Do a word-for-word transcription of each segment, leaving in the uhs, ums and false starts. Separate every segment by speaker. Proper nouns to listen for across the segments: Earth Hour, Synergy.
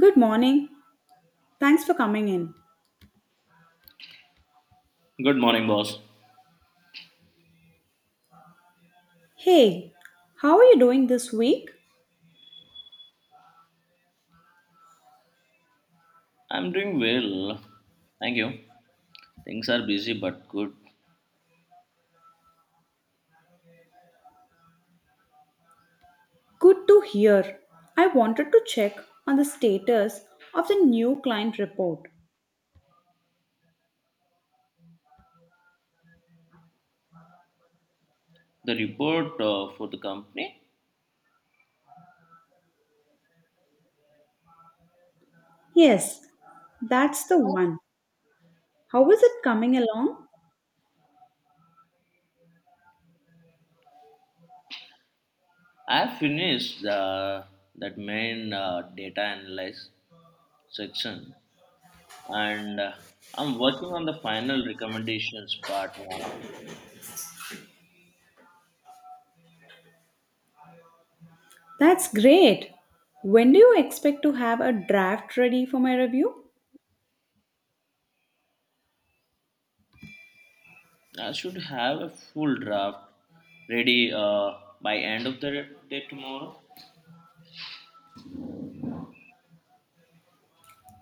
Speaker 1: Good morning. Thanks for coming in.
Speaker 2: Good morning, boss.
Speaker 1: Hey, how are you doing this week?
Speaker 2: I'm doing well. Thank you. Things are busy but good.
Speaker 1: Good to hear. I wanted to check on the status of the new client report.
Speaker 2: The report uh, for the company,
Speaker 1: Yes, that's the one. How is it coming along?
Speaker 2: I have finished the, that main uh, data analyze section and uh, I'm working on the final recommendations part now.
Speaker 1: That's great. When do you expect to have a draft ready for my review?
Speaker 2: I should have a full draft ready uh, by end of the day tomorrow.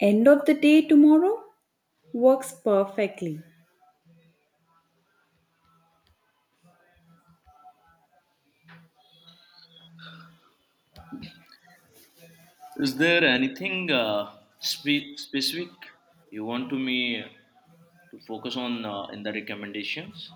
Speaker 1: End of the day tomorrow? Works perfectly.
Speaker 2: Is there anything uh, spe- specific you want to me to focus on uh, in the recommendations.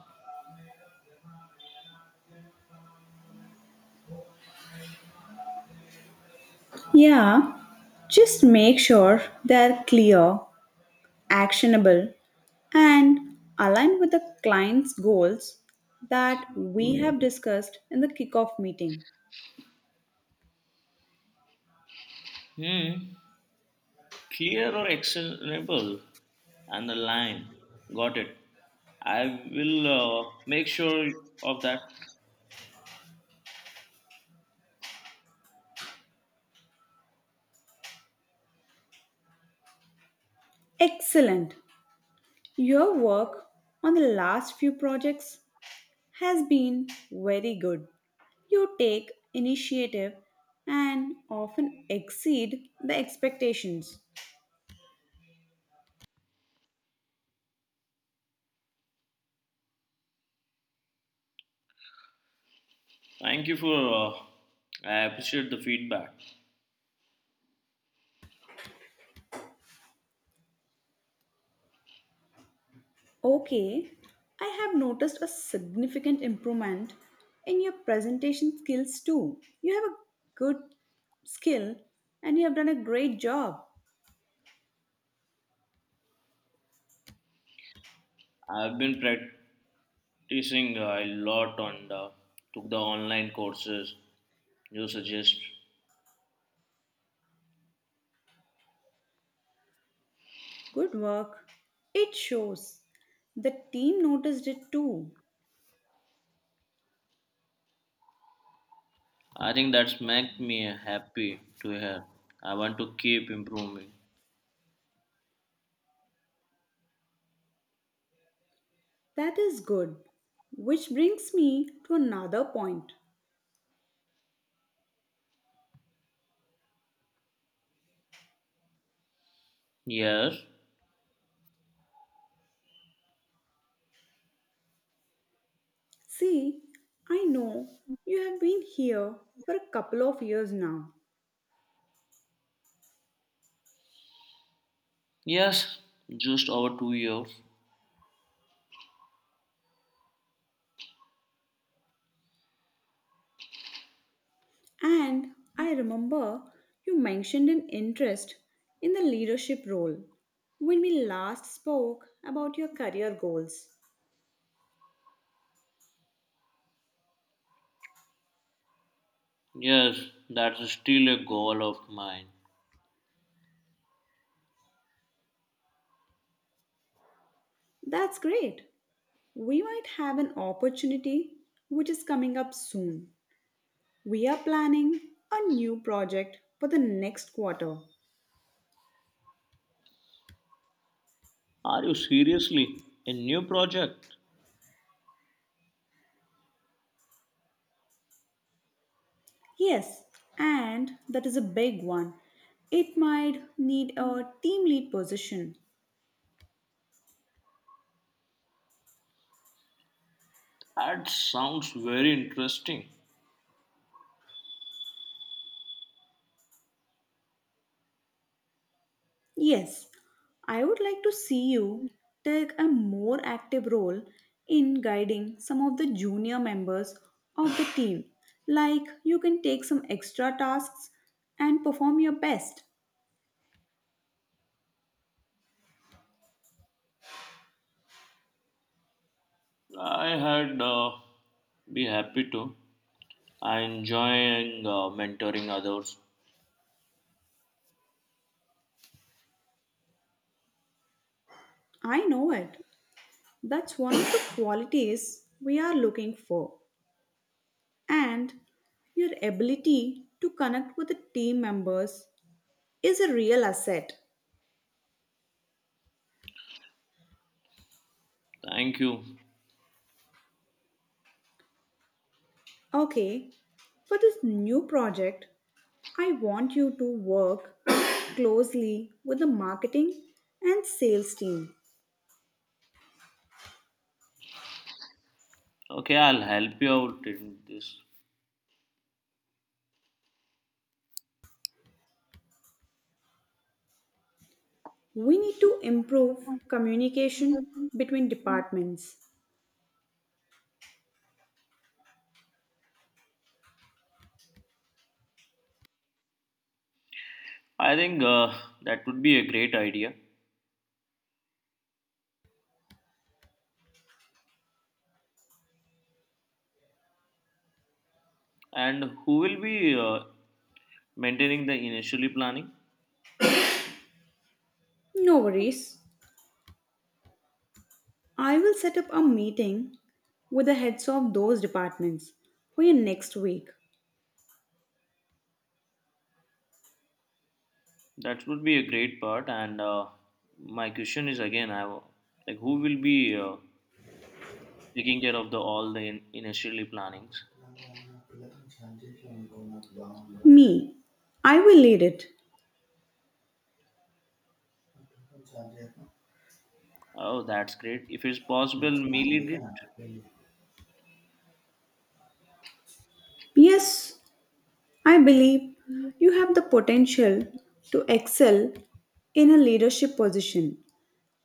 Speaker 1: Yeah, just make sure they're clear, actionable, and aligned with the client's goals that we have discussed in the kickoff meeting.
Speaker 2: Hmm. Clear or actionable and the line. Got it. I will uh, make sure of that.
Speaker 1: Excellent. Your work on the last few projects has been very good. You take initiative and often exceed the expectations.
Speaker 2: Thank you for. Uh, I appreciate the feedback.
Speaker 1: Okay, I have noticed a significant improvement in your presentation skills too. You have a good skill and you have done a great job.
Speaker 2: I've been practicing uh, a lot on the took the online courses you suggest.
Speaker 1: Good work. It shows. The team noticed it too.
Speaker 2: I think that's make me happy to hear. I want to keep improving.
Speaker 1: That is good. Which brings me to another point.
Speaker 2: Yes,
Speaker 1: See, I know you have been here for a couple of years now.
Speaker 2: yes, just over two years.
Speaker 1: And I remember you mentioned an interest in the leadership role when we last spoke about your career goals.
Speaker 2: Yes, that's still a goal of mine.
Speaker 1: That's great. We might have an opportunity which is coming up soon. We are planning a new project for the next quarter.
Speaker 2: Are you seriously a new project?
Speaker 1: Yes, and that is a big one. It might need a team lead position.
Speaker 2: That sounds very interesting.
Speaker 1: Yes, I would like to see you take a more active role in guiding some of the junior members of the team. Like you can take some extra tasks and perform your best.
Speaker 2: I had uh, be happy to. I enjoying uh, mentoring others.
Speaker 1: I know it. That's one of the qualities we are looking for. And your ability to connect with the team members is a real asset.
Speaker 2: Thank you.
Speaker 1: Okay, for this new project, I want you to work closely with the marketing and sales team.
Speaker 2: Okay, I'll help you out in this.
Speaker 1: We need to improve communication between departments.
Speaker 2: I think uh, that would be a great idea. And who will be uh, maintaining the initially planning?
Speaker 1: No worries. I will set up a meeting with the heads of those departments for your next week.
Speaker 2: That would be a great part. And uh, My question is again, I w- like who will be uh, taking care of the all the in- initially plannings?
Speaker 1: Me, I will lead it.
Speaker 2: Oh, that's great. If it's possible, me lead it.
Speaker 1: Yes, I believe you have the potential to excel in a leadership position.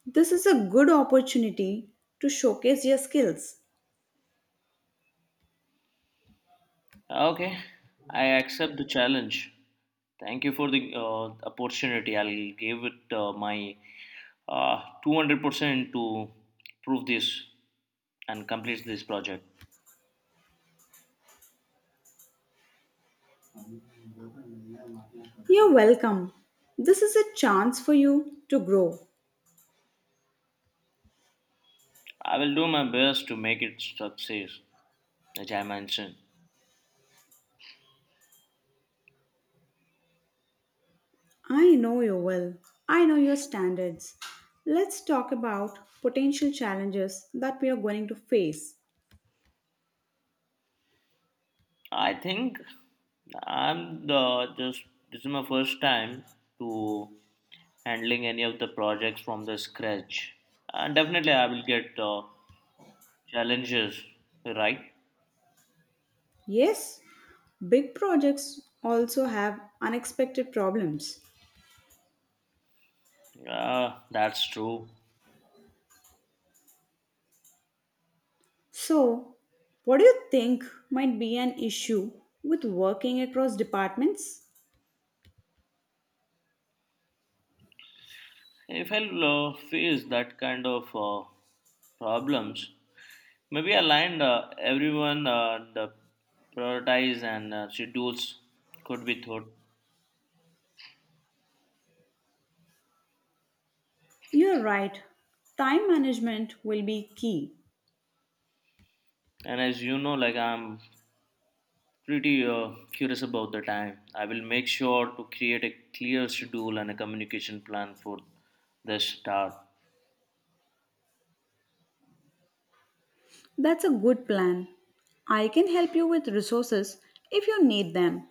Speaker 1: This is a good opportunity to showcase your skills.
Speaker 2: Okay, I accept the challenge. Thank you for the uh, opportunity. I'll give it uh, my uh, two hundred percent to prove this and complete this project.
Speaker 1: You're welcome. This is a chance for you to grow.
Speaker 2: I will do my best to make it success, as I mentioned.
Speaker 1: I know you well. I know your standards. Let's talk about potential challenges that we are going to face.
Speaker 2: I think I'm the just this is my first time to handling any of the projects from the scratch. And definitely I will get uh, challenges, right?
Speaker 1: Yes, big projects also have unexpected problems.
Speaker 2: Yeah, that's true.
Speaker 1: So, what do you think might be an issue with working across departments?
Speaker 2: If I uh, face that kind of uh, problems, maybe align uh, everyone uh, the prioritize and uh, schedules could be thought.
Speaker 1: You're right, time management will be key.
Speaker 2: And as you know, like I'm pretty uh, curious about the time. I will make sure to create a clear schedule and a communication plan for the start.
Speaker 1: That's a good plan. I can help you with resources if you need them.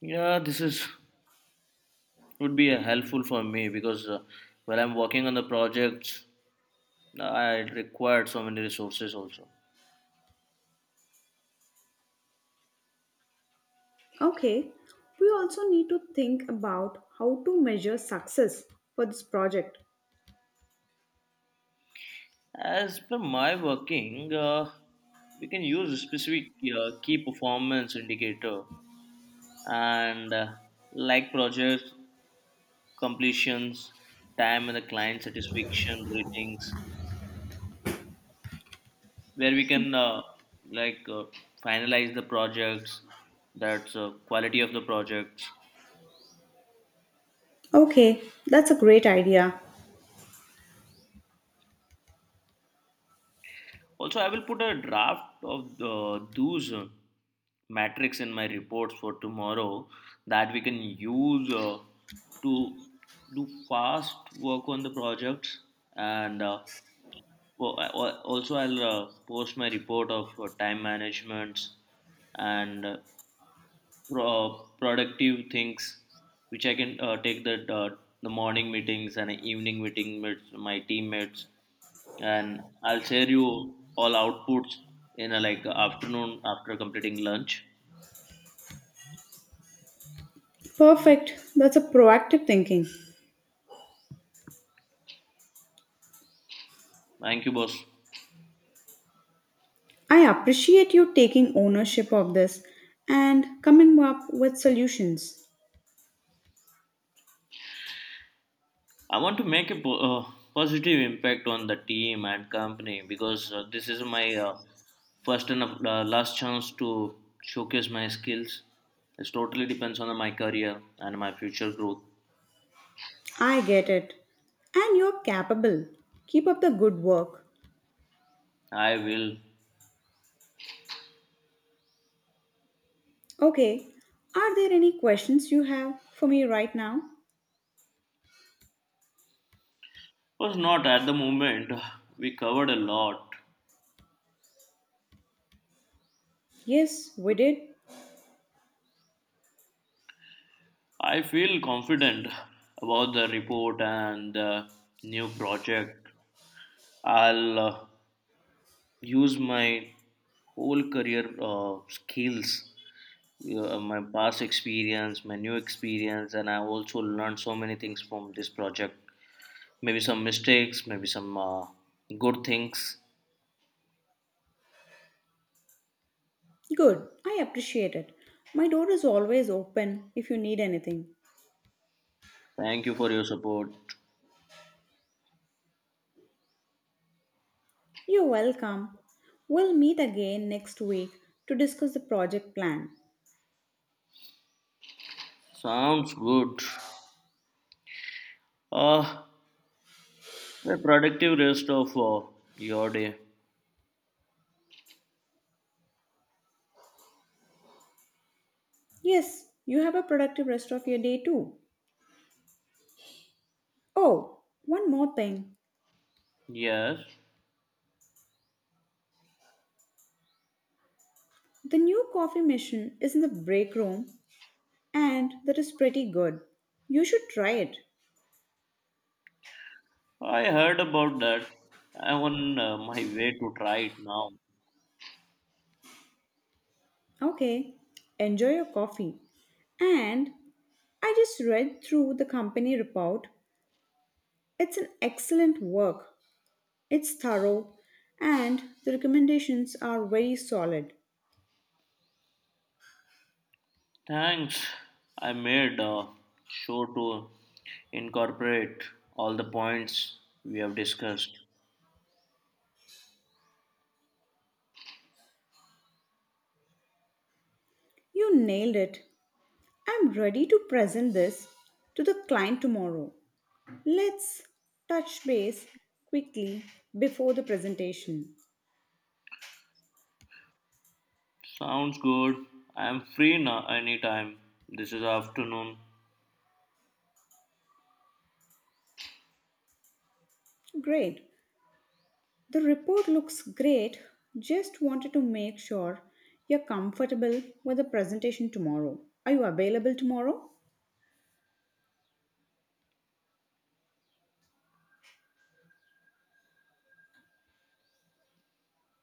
Speaker 2: Yeah, this is would be uh, helpful for me because uh, while I'm working on the projects, I required so many resources also.
Speaker 1: Okay, we also need to think about how to measure success for this project.
Speaker 2: As per my working, uh, we can use a specific uh, key performance indicator and uh, like project completions, time and the client satisfaction ratings where we can uh, like uh, finalize the projects that's uh, quality of the projects.
Speaker 1: Okay, that's a great idea.
Speaker 2: Also, I will put a draft of uh, those uh, metrics in my reports for tomorrow that we can use uh, to do fast work on the projects and uh, well, I- al- also I'll uh, post my report of uh, time managements and uh, pro- uh, productive things which I can uh, take that uh, the morning meetings and evening meeting with my teammates, and I'll share you all outputs in a like afternoon after completing lunch.
Speaker 1: Perfect. That's a proactive thinking.
Speaker 2: Thank you, boss.
Speaker 1: I appreciate you taking ownership of this and coming up with solutions.
Speaker 2: I want to make a po- uh, positive impact on the team and company because uh, this is my uh, first and uh, last chance to showcase my skills. It totally depends on my career and my future growth.
Speaker 1: I get it. And you're capable. Keep up the good work.
Speaker 2: I will.
Speaker 1: Okay, are there any questions you have for me right now?
Speaker 2: Was not at the moment. We covered a lot.
Speaker 1: Yes, we did.
Speaker 2: I feel confident about the report and the new project. I'll uh, use my whole career uh, skills, uh, my past experience, my new experience, and I also learned so many things from this project. Maybe some mistakes, maybe some uh, good things.
Speaker 1: Good. I appreciate it. My door is always open if you need anything.
Speaker 2: Thank you for your support.
Speaker 1: You're welcome. We'll meet again next week to discuss the project plan.
Speaker 2: Sounds good. Uh, A productive rest of uh, your day.
Speaker 1: Yes, you have a productive rest of your day too. Oh, one more thing.
Speaker 2: Yes,
Speaker 1: The new coffee machine is in the break room and that is pretty good. You should try it.
Speaker 2: I heard about that. I'm on uh, my way to try it now.
Speaker 1: Okay, enjoy your coffee. And I just read through the company report. It's an excellent work. It's thorough and the recommendations are very solid.
Speaker 2: Thanks. I made uh, sure to incorporate all the points we have discussed.
Speaker 1: You nailed it. I'm ready to present this to the client tomorrow. Let's touch base quickly before the presentation.
Speaker 2: Sounds good. I'm free now anytime. This is afternoon.
Speaker 1: Great. The report looks great. Just wanted to make sure you're comfortable with the presentation tomorrow. Are you available tomorrow?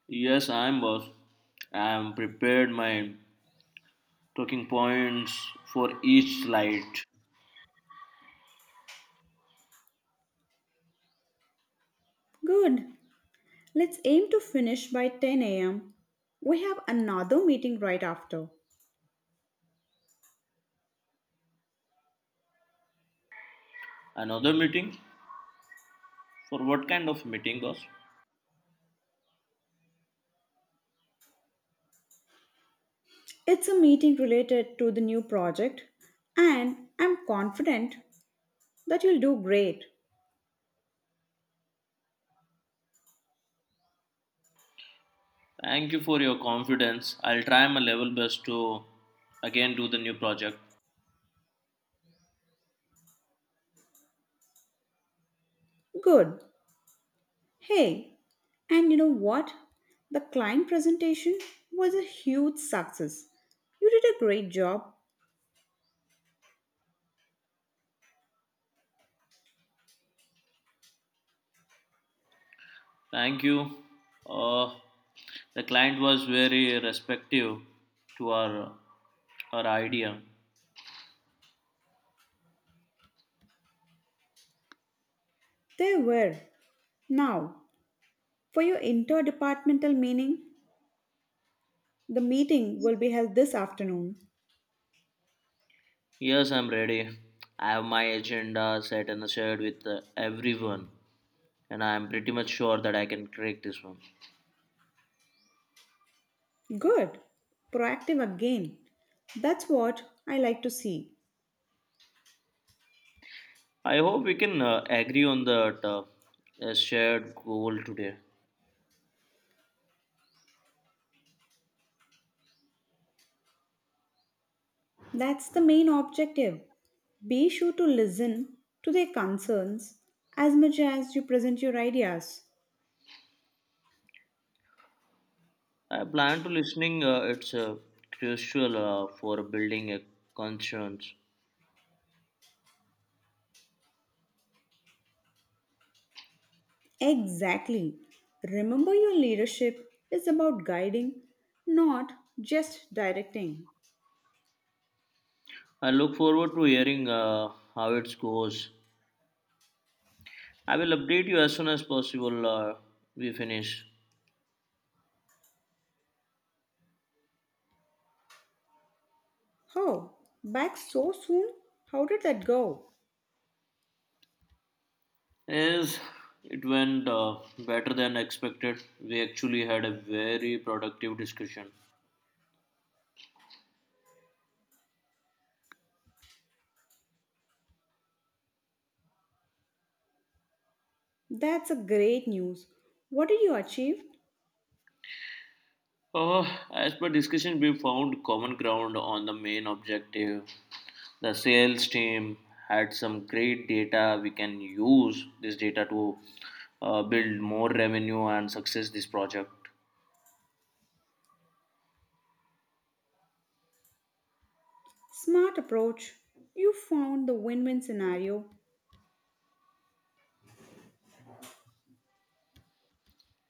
Speaker 2: Yes, I'm boss. I'm prepared my talking points for each slide.
Speaker 1: Good. Let's aim to finish by ten a m. We have another meeting right after.
Speaker 2: Another meeting? For what kind of meeting, boss?
Speaker 1: It's a meeting related to the new project, and I'm confident that you'll do great.
Speaker 2: Thank you for your confidence. I'll try my level best to again do the new project.
Speaker 1: Good. Hey, and you know what? The client presentation was a huge success. You did a great job.
Speaker 2: Thank you. Uh, the client was very respective to our our idea.
Speaker 1: They were. Now, for your interdepartmental meeting, the meeting will be held this afternoon.
Speaker 2: Yes, I'm ready. I have my agenda set and shared with uh, everyone, and I'm pretty much sure that I can crack this one.
Speaker 1: Good. Proactive again. That's what I like to see.
Speaker 2: I hope we can uh, agree on that uh, a shared goal today.
Speaker 1: That's the main objective. Be sure to listen to their concerns as much as you present your ideas.
Speaker 2: I plan to listening. Uh, it's uh, crucial uh, for building a conscience.
Speaker 1: Exactly. Remember, your leadership is about guiding, not just directing.
Speaker 2: I look forward to hearing uh, how it goes. I will update you as soon as possible. Uh, we finish.
Speaker 1: Oh, back so soon? How did that go?
Speaker 2: Yes, it went uh, better than expected. We actually had a very productive discussion.
Speaker 1: That's a great news. What did you achieve?
Speaker 2: Uh, as per discussion, we found common ground on the main objective. The sales team had some great data. We can use this data to uh, build more revenue and success this project.
Speaker 1: Smart approach. You found the win win scenario.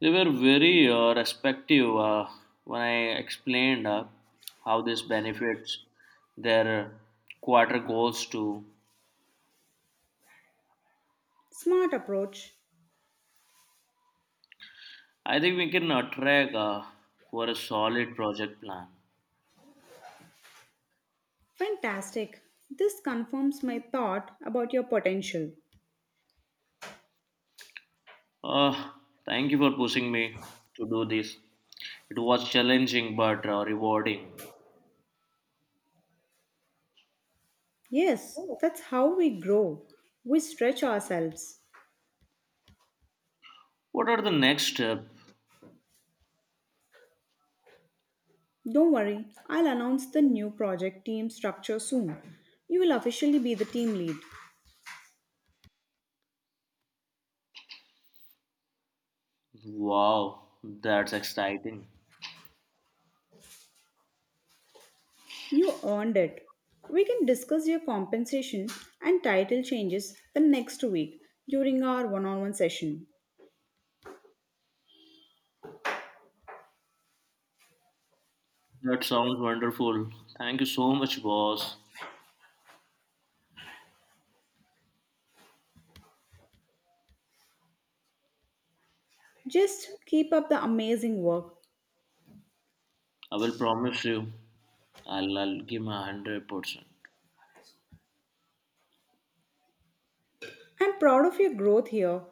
Speaker 2: They were very uh, respective uh, when I explained uh, how this benefits their quarter goals too.
Speaker 1: Smart approach.
Speaker 2: I think we can attract uh, for a solid project plan.
Speaker 1: Fantastic. This confirms my thought about your potential.
Speaker 2: Uh, Thank you for pushing me to do this. It was challenging but uh, rewarding.
Speaker 1: Yes, that's how we grow. We stretch ourselves.
Speaker 2: What are the next steps?
Speaker 1: Don't worry, I'll announce the new project team structure soon. You will officially be the team lead.
Speaker 2: Wow, that's exciting.
Speaker 1: You earned it. We can discuss your compensation and title changes the next week during our one on one session.
Speaker 2: That sounds wonderful. Thank you so much, boss.
Speaker 1: Just keep up the amazing work.
Speaker 2: I will promise you, I'll, I'll give my one hundred percent.
Speaker 1: I'm proud of your growth here.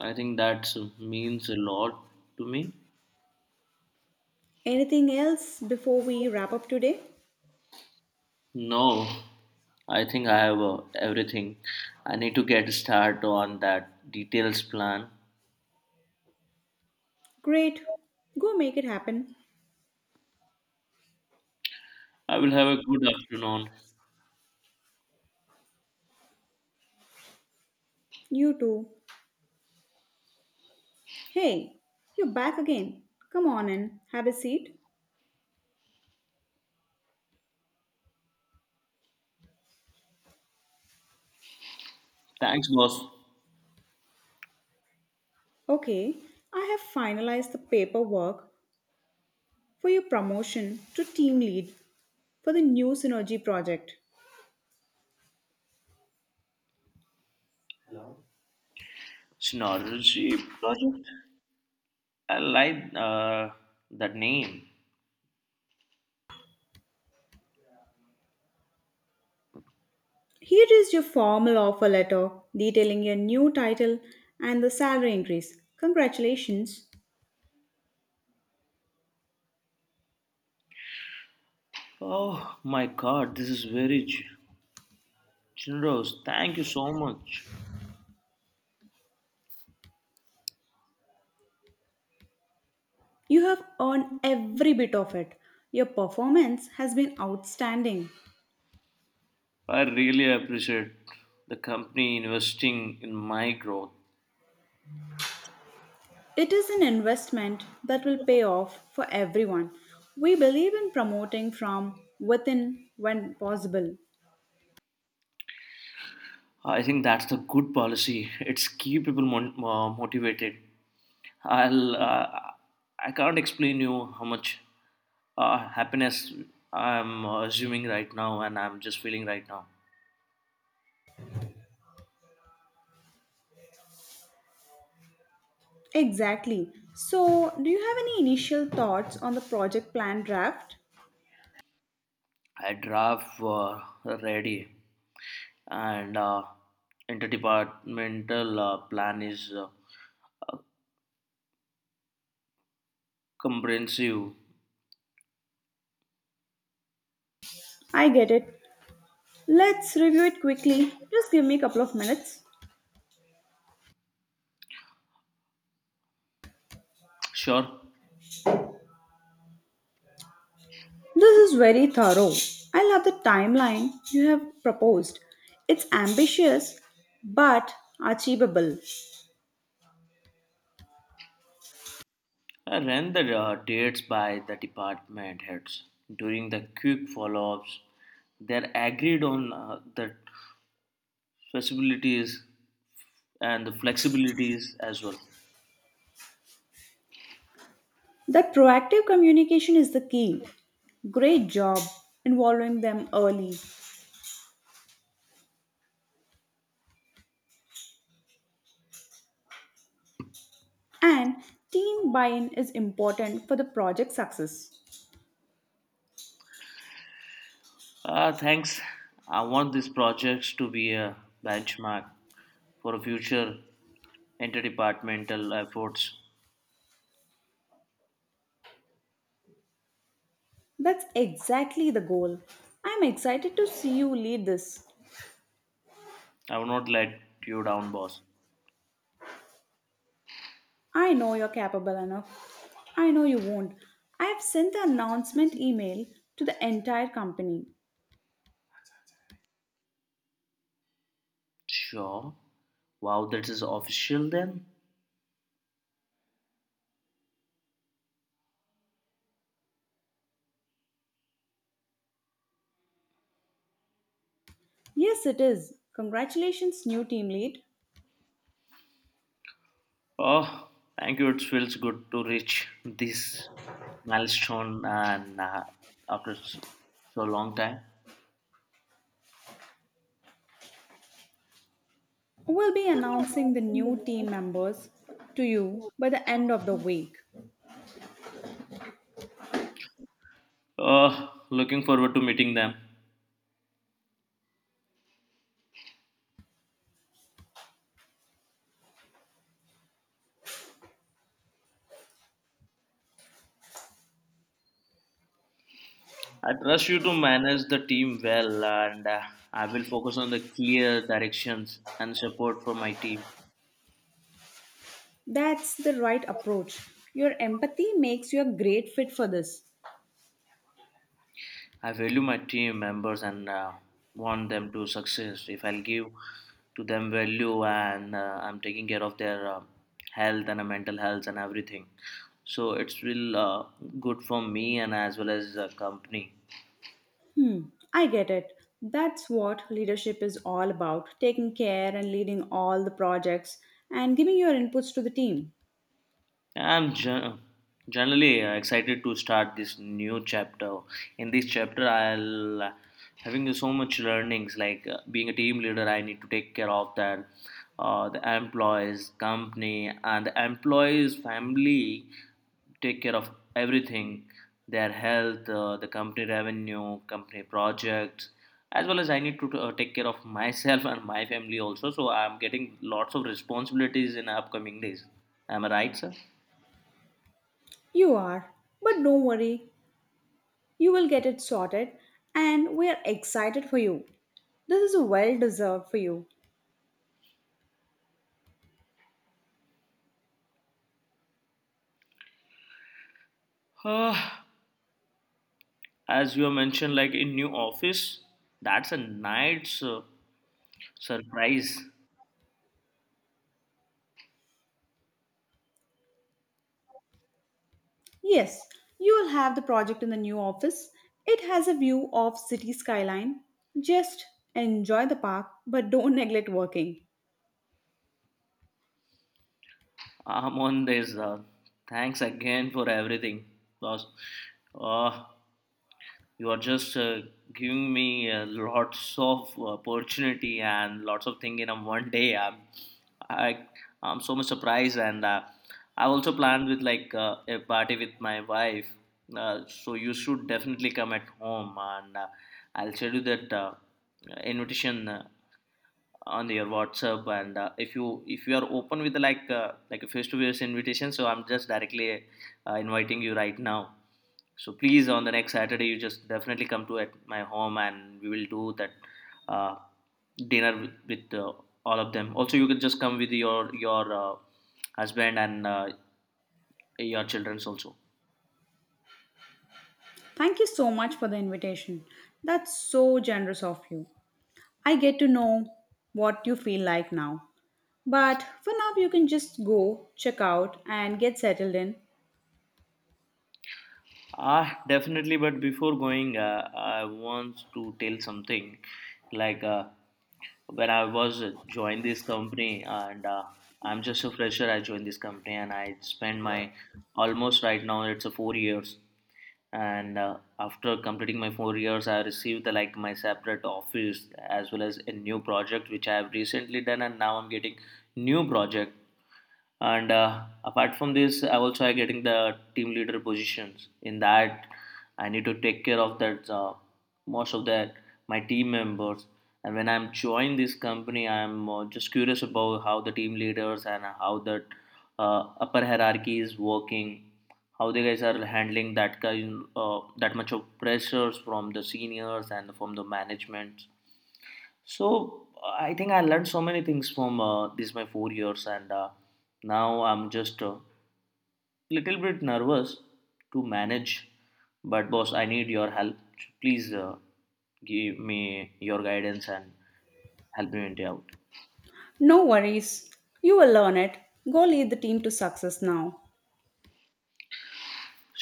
Speaker 2: I think that means a lot to me.
Speaker 1: Anything else before we wrap up today?
Speaker 2: No, I think I have uh, everything. I need to get start on that details plan.
Speaker 1: Great. Go make it happen.
Speaker 2: I will have a good afternoon.
Speaker 1: You too. Hey, you're back again. Come on in. Have a seat.
Speaker 2: Thanks, boss.
Speaker 1: Okay, I have finalized the paperwork for your promotion to team lead for the new Synergy project.
Speaker 2: Synology project. I like uh, that name.
Speaker 1: Here is your formal offer letter detailing your new title and the salary increase. Congratulations.
Speaker 2: Oh my God, this is very g- generous. Thank you so much.
Speaker 1: You have earned every bit of it. Your performance has been outstanding.
Speaker 2: I really appreciate the company investing in my growth.
Speaker 1: It is an investment that will pay off for everyone. We believe in promoting from within when possible.
Speaker 2: I think that's the good policy. It's keep people mon- uh, motivated. I'll uh, I can't explain you how much uh, happiness I'm uh, assuming right now and I'm just feeling right now.
Speaker 1: Exactly. So, do you have any initial thoughts on the project plan draft?
Speaker 2: I drive uh, ready and uh, interdepartmental uh, plan is uh, uh, comprehensive.
Speaker 1: I get it. Let's review it quickly. Just give me a couple of minutes.
Speaker 2: Sure,
Speaker 1: This is very thorough. I love the timeline you have proposed. It's ambitious but achievable.
Speaker 2: I ran the uh, dates by the department heads during the quick follow-ups. They're agreed on uh, that possibilities and the flexibilities as well.
Speaker 1: That proactive communication is the key. Great job involving them early. And team buy in is important for the project success.
Speaker 2: Uh, thanks. I want these projects to be a benchmark for future interdepartmental efforts.
Speaker 1: That's exactly the goal. I'm excited to see you lead this.
Speaker 2: I will not let you down, boss.
Speaker 1: I know you're capable enough. I know you won't. I have sent the announcement email to the entire company.
Speaker 2: Sure. Wow, that is official then.
Speaker 1: Yes, it is. Congratulations, new team lead.
Speaker 2: Oh, thank you. It feels good to reach this milestone and uh, after s- so long time.
Speaker 1: We'll be
Speaker 2: We'll be
Speaker 1: announcing the
Speaker 2: announcing the
Speaker 1: new team
Speaker 2: new.
Speaker 1: members to you by the end of the week.
Speaker 2: Oh, looking forward to meeting them. I trust you to manage the team well, and uh, I will focus on the clear directions and support for my team.
Speaker 1: That's the right approach. Your empathy makes you a great fit for this.
Speaker 2: I value my team members and uh, want them to success. If I'll give to them value and uh, I'm taking care of their uh, health and uh, mental health and everything, so it's will uh, good for me and as well as the company.
Speaker 1: Hmm, I get it. That's what leadership is all about taking care and leading all the projects and giving your inputs to the team.
Speaker 2: I'm gen- generally uh, excited to start this new chapter. In this chapter, I'll uh, having so much learnings like uh, being a team leader. I need to take care of that, uh, the employees, company, and the employees' family. Take care of everything, their health, uh, the company revenue, company projects, as well as I need to uh, take care of myself and my family also. So I'm getting lots of responsibilities in upcoming days. Am I right, sir?
Speaker 1: You are, but don't worry, you will get it sorted, and we are excited for you. This is a well deserved for you.
Speaker 2: Ah, as you have mentioned, like in new office, that's a nice uh, surprise.
Speaker 1: Yes, you will have the project in the new office. It has a view of city skyline. Just enjoy the park, but don't neglect working.
Speaker 2: I'm on this. Uh, thanks again for everything, boss. Uh, you are just uh, giving me uh, lots of opportunity and lots of thing in a one day. I'm I I'm so much surprised, and uh, I also planned with like uh, a party with my wife. Uh, so you should definitely come at home, and uh, I'll send you that uh, invitation uh, on your WhatsApp. And uh, if you if you are open with like uh, like a face to face invitation, so I'm just directly uh, inviting you right now. So please, on the next Saturday, you just definitely come to at my home, and we will do that uh, dinner with, with uh, all of them. Also, you can just come with your your uh, husband and uh, your childrens also.
Speaker 1: Thank you so much for the invitation. That's so generous of you. I get to know what you feel like now. But for now, you can just go, check out, and get settled in.
Speaker 2: Ah, definitely. But before going, uh, I want to tell something. Like uh, when I was uh, joined this company, and uh, I'm just a fresher. I joined this company, and I spent my almost right now. It's a four years. And uh, after completing my four years, I received the, like my separate office as well as a new project which I have recently done, and now I'm getting new project. And uh, Apart from this, I also are getting the team leader positions in that. I need to take care of that uh, most of that my team members. And when I'm joining this company, I'm uh, just curious about how the team leaders and how that uh, upper hierarchy is working, how the guys are handling that kind uh, that much of pressures from the seniors and from the management. So I think I learned so many things from uh, these my four years, and uh, now I'm just a little bit nervous to manage. But boss, I need your help. Please uh, give me your guidance and help me out.
Speaker 1: No worries. You will learn it. Go lead the team to success now.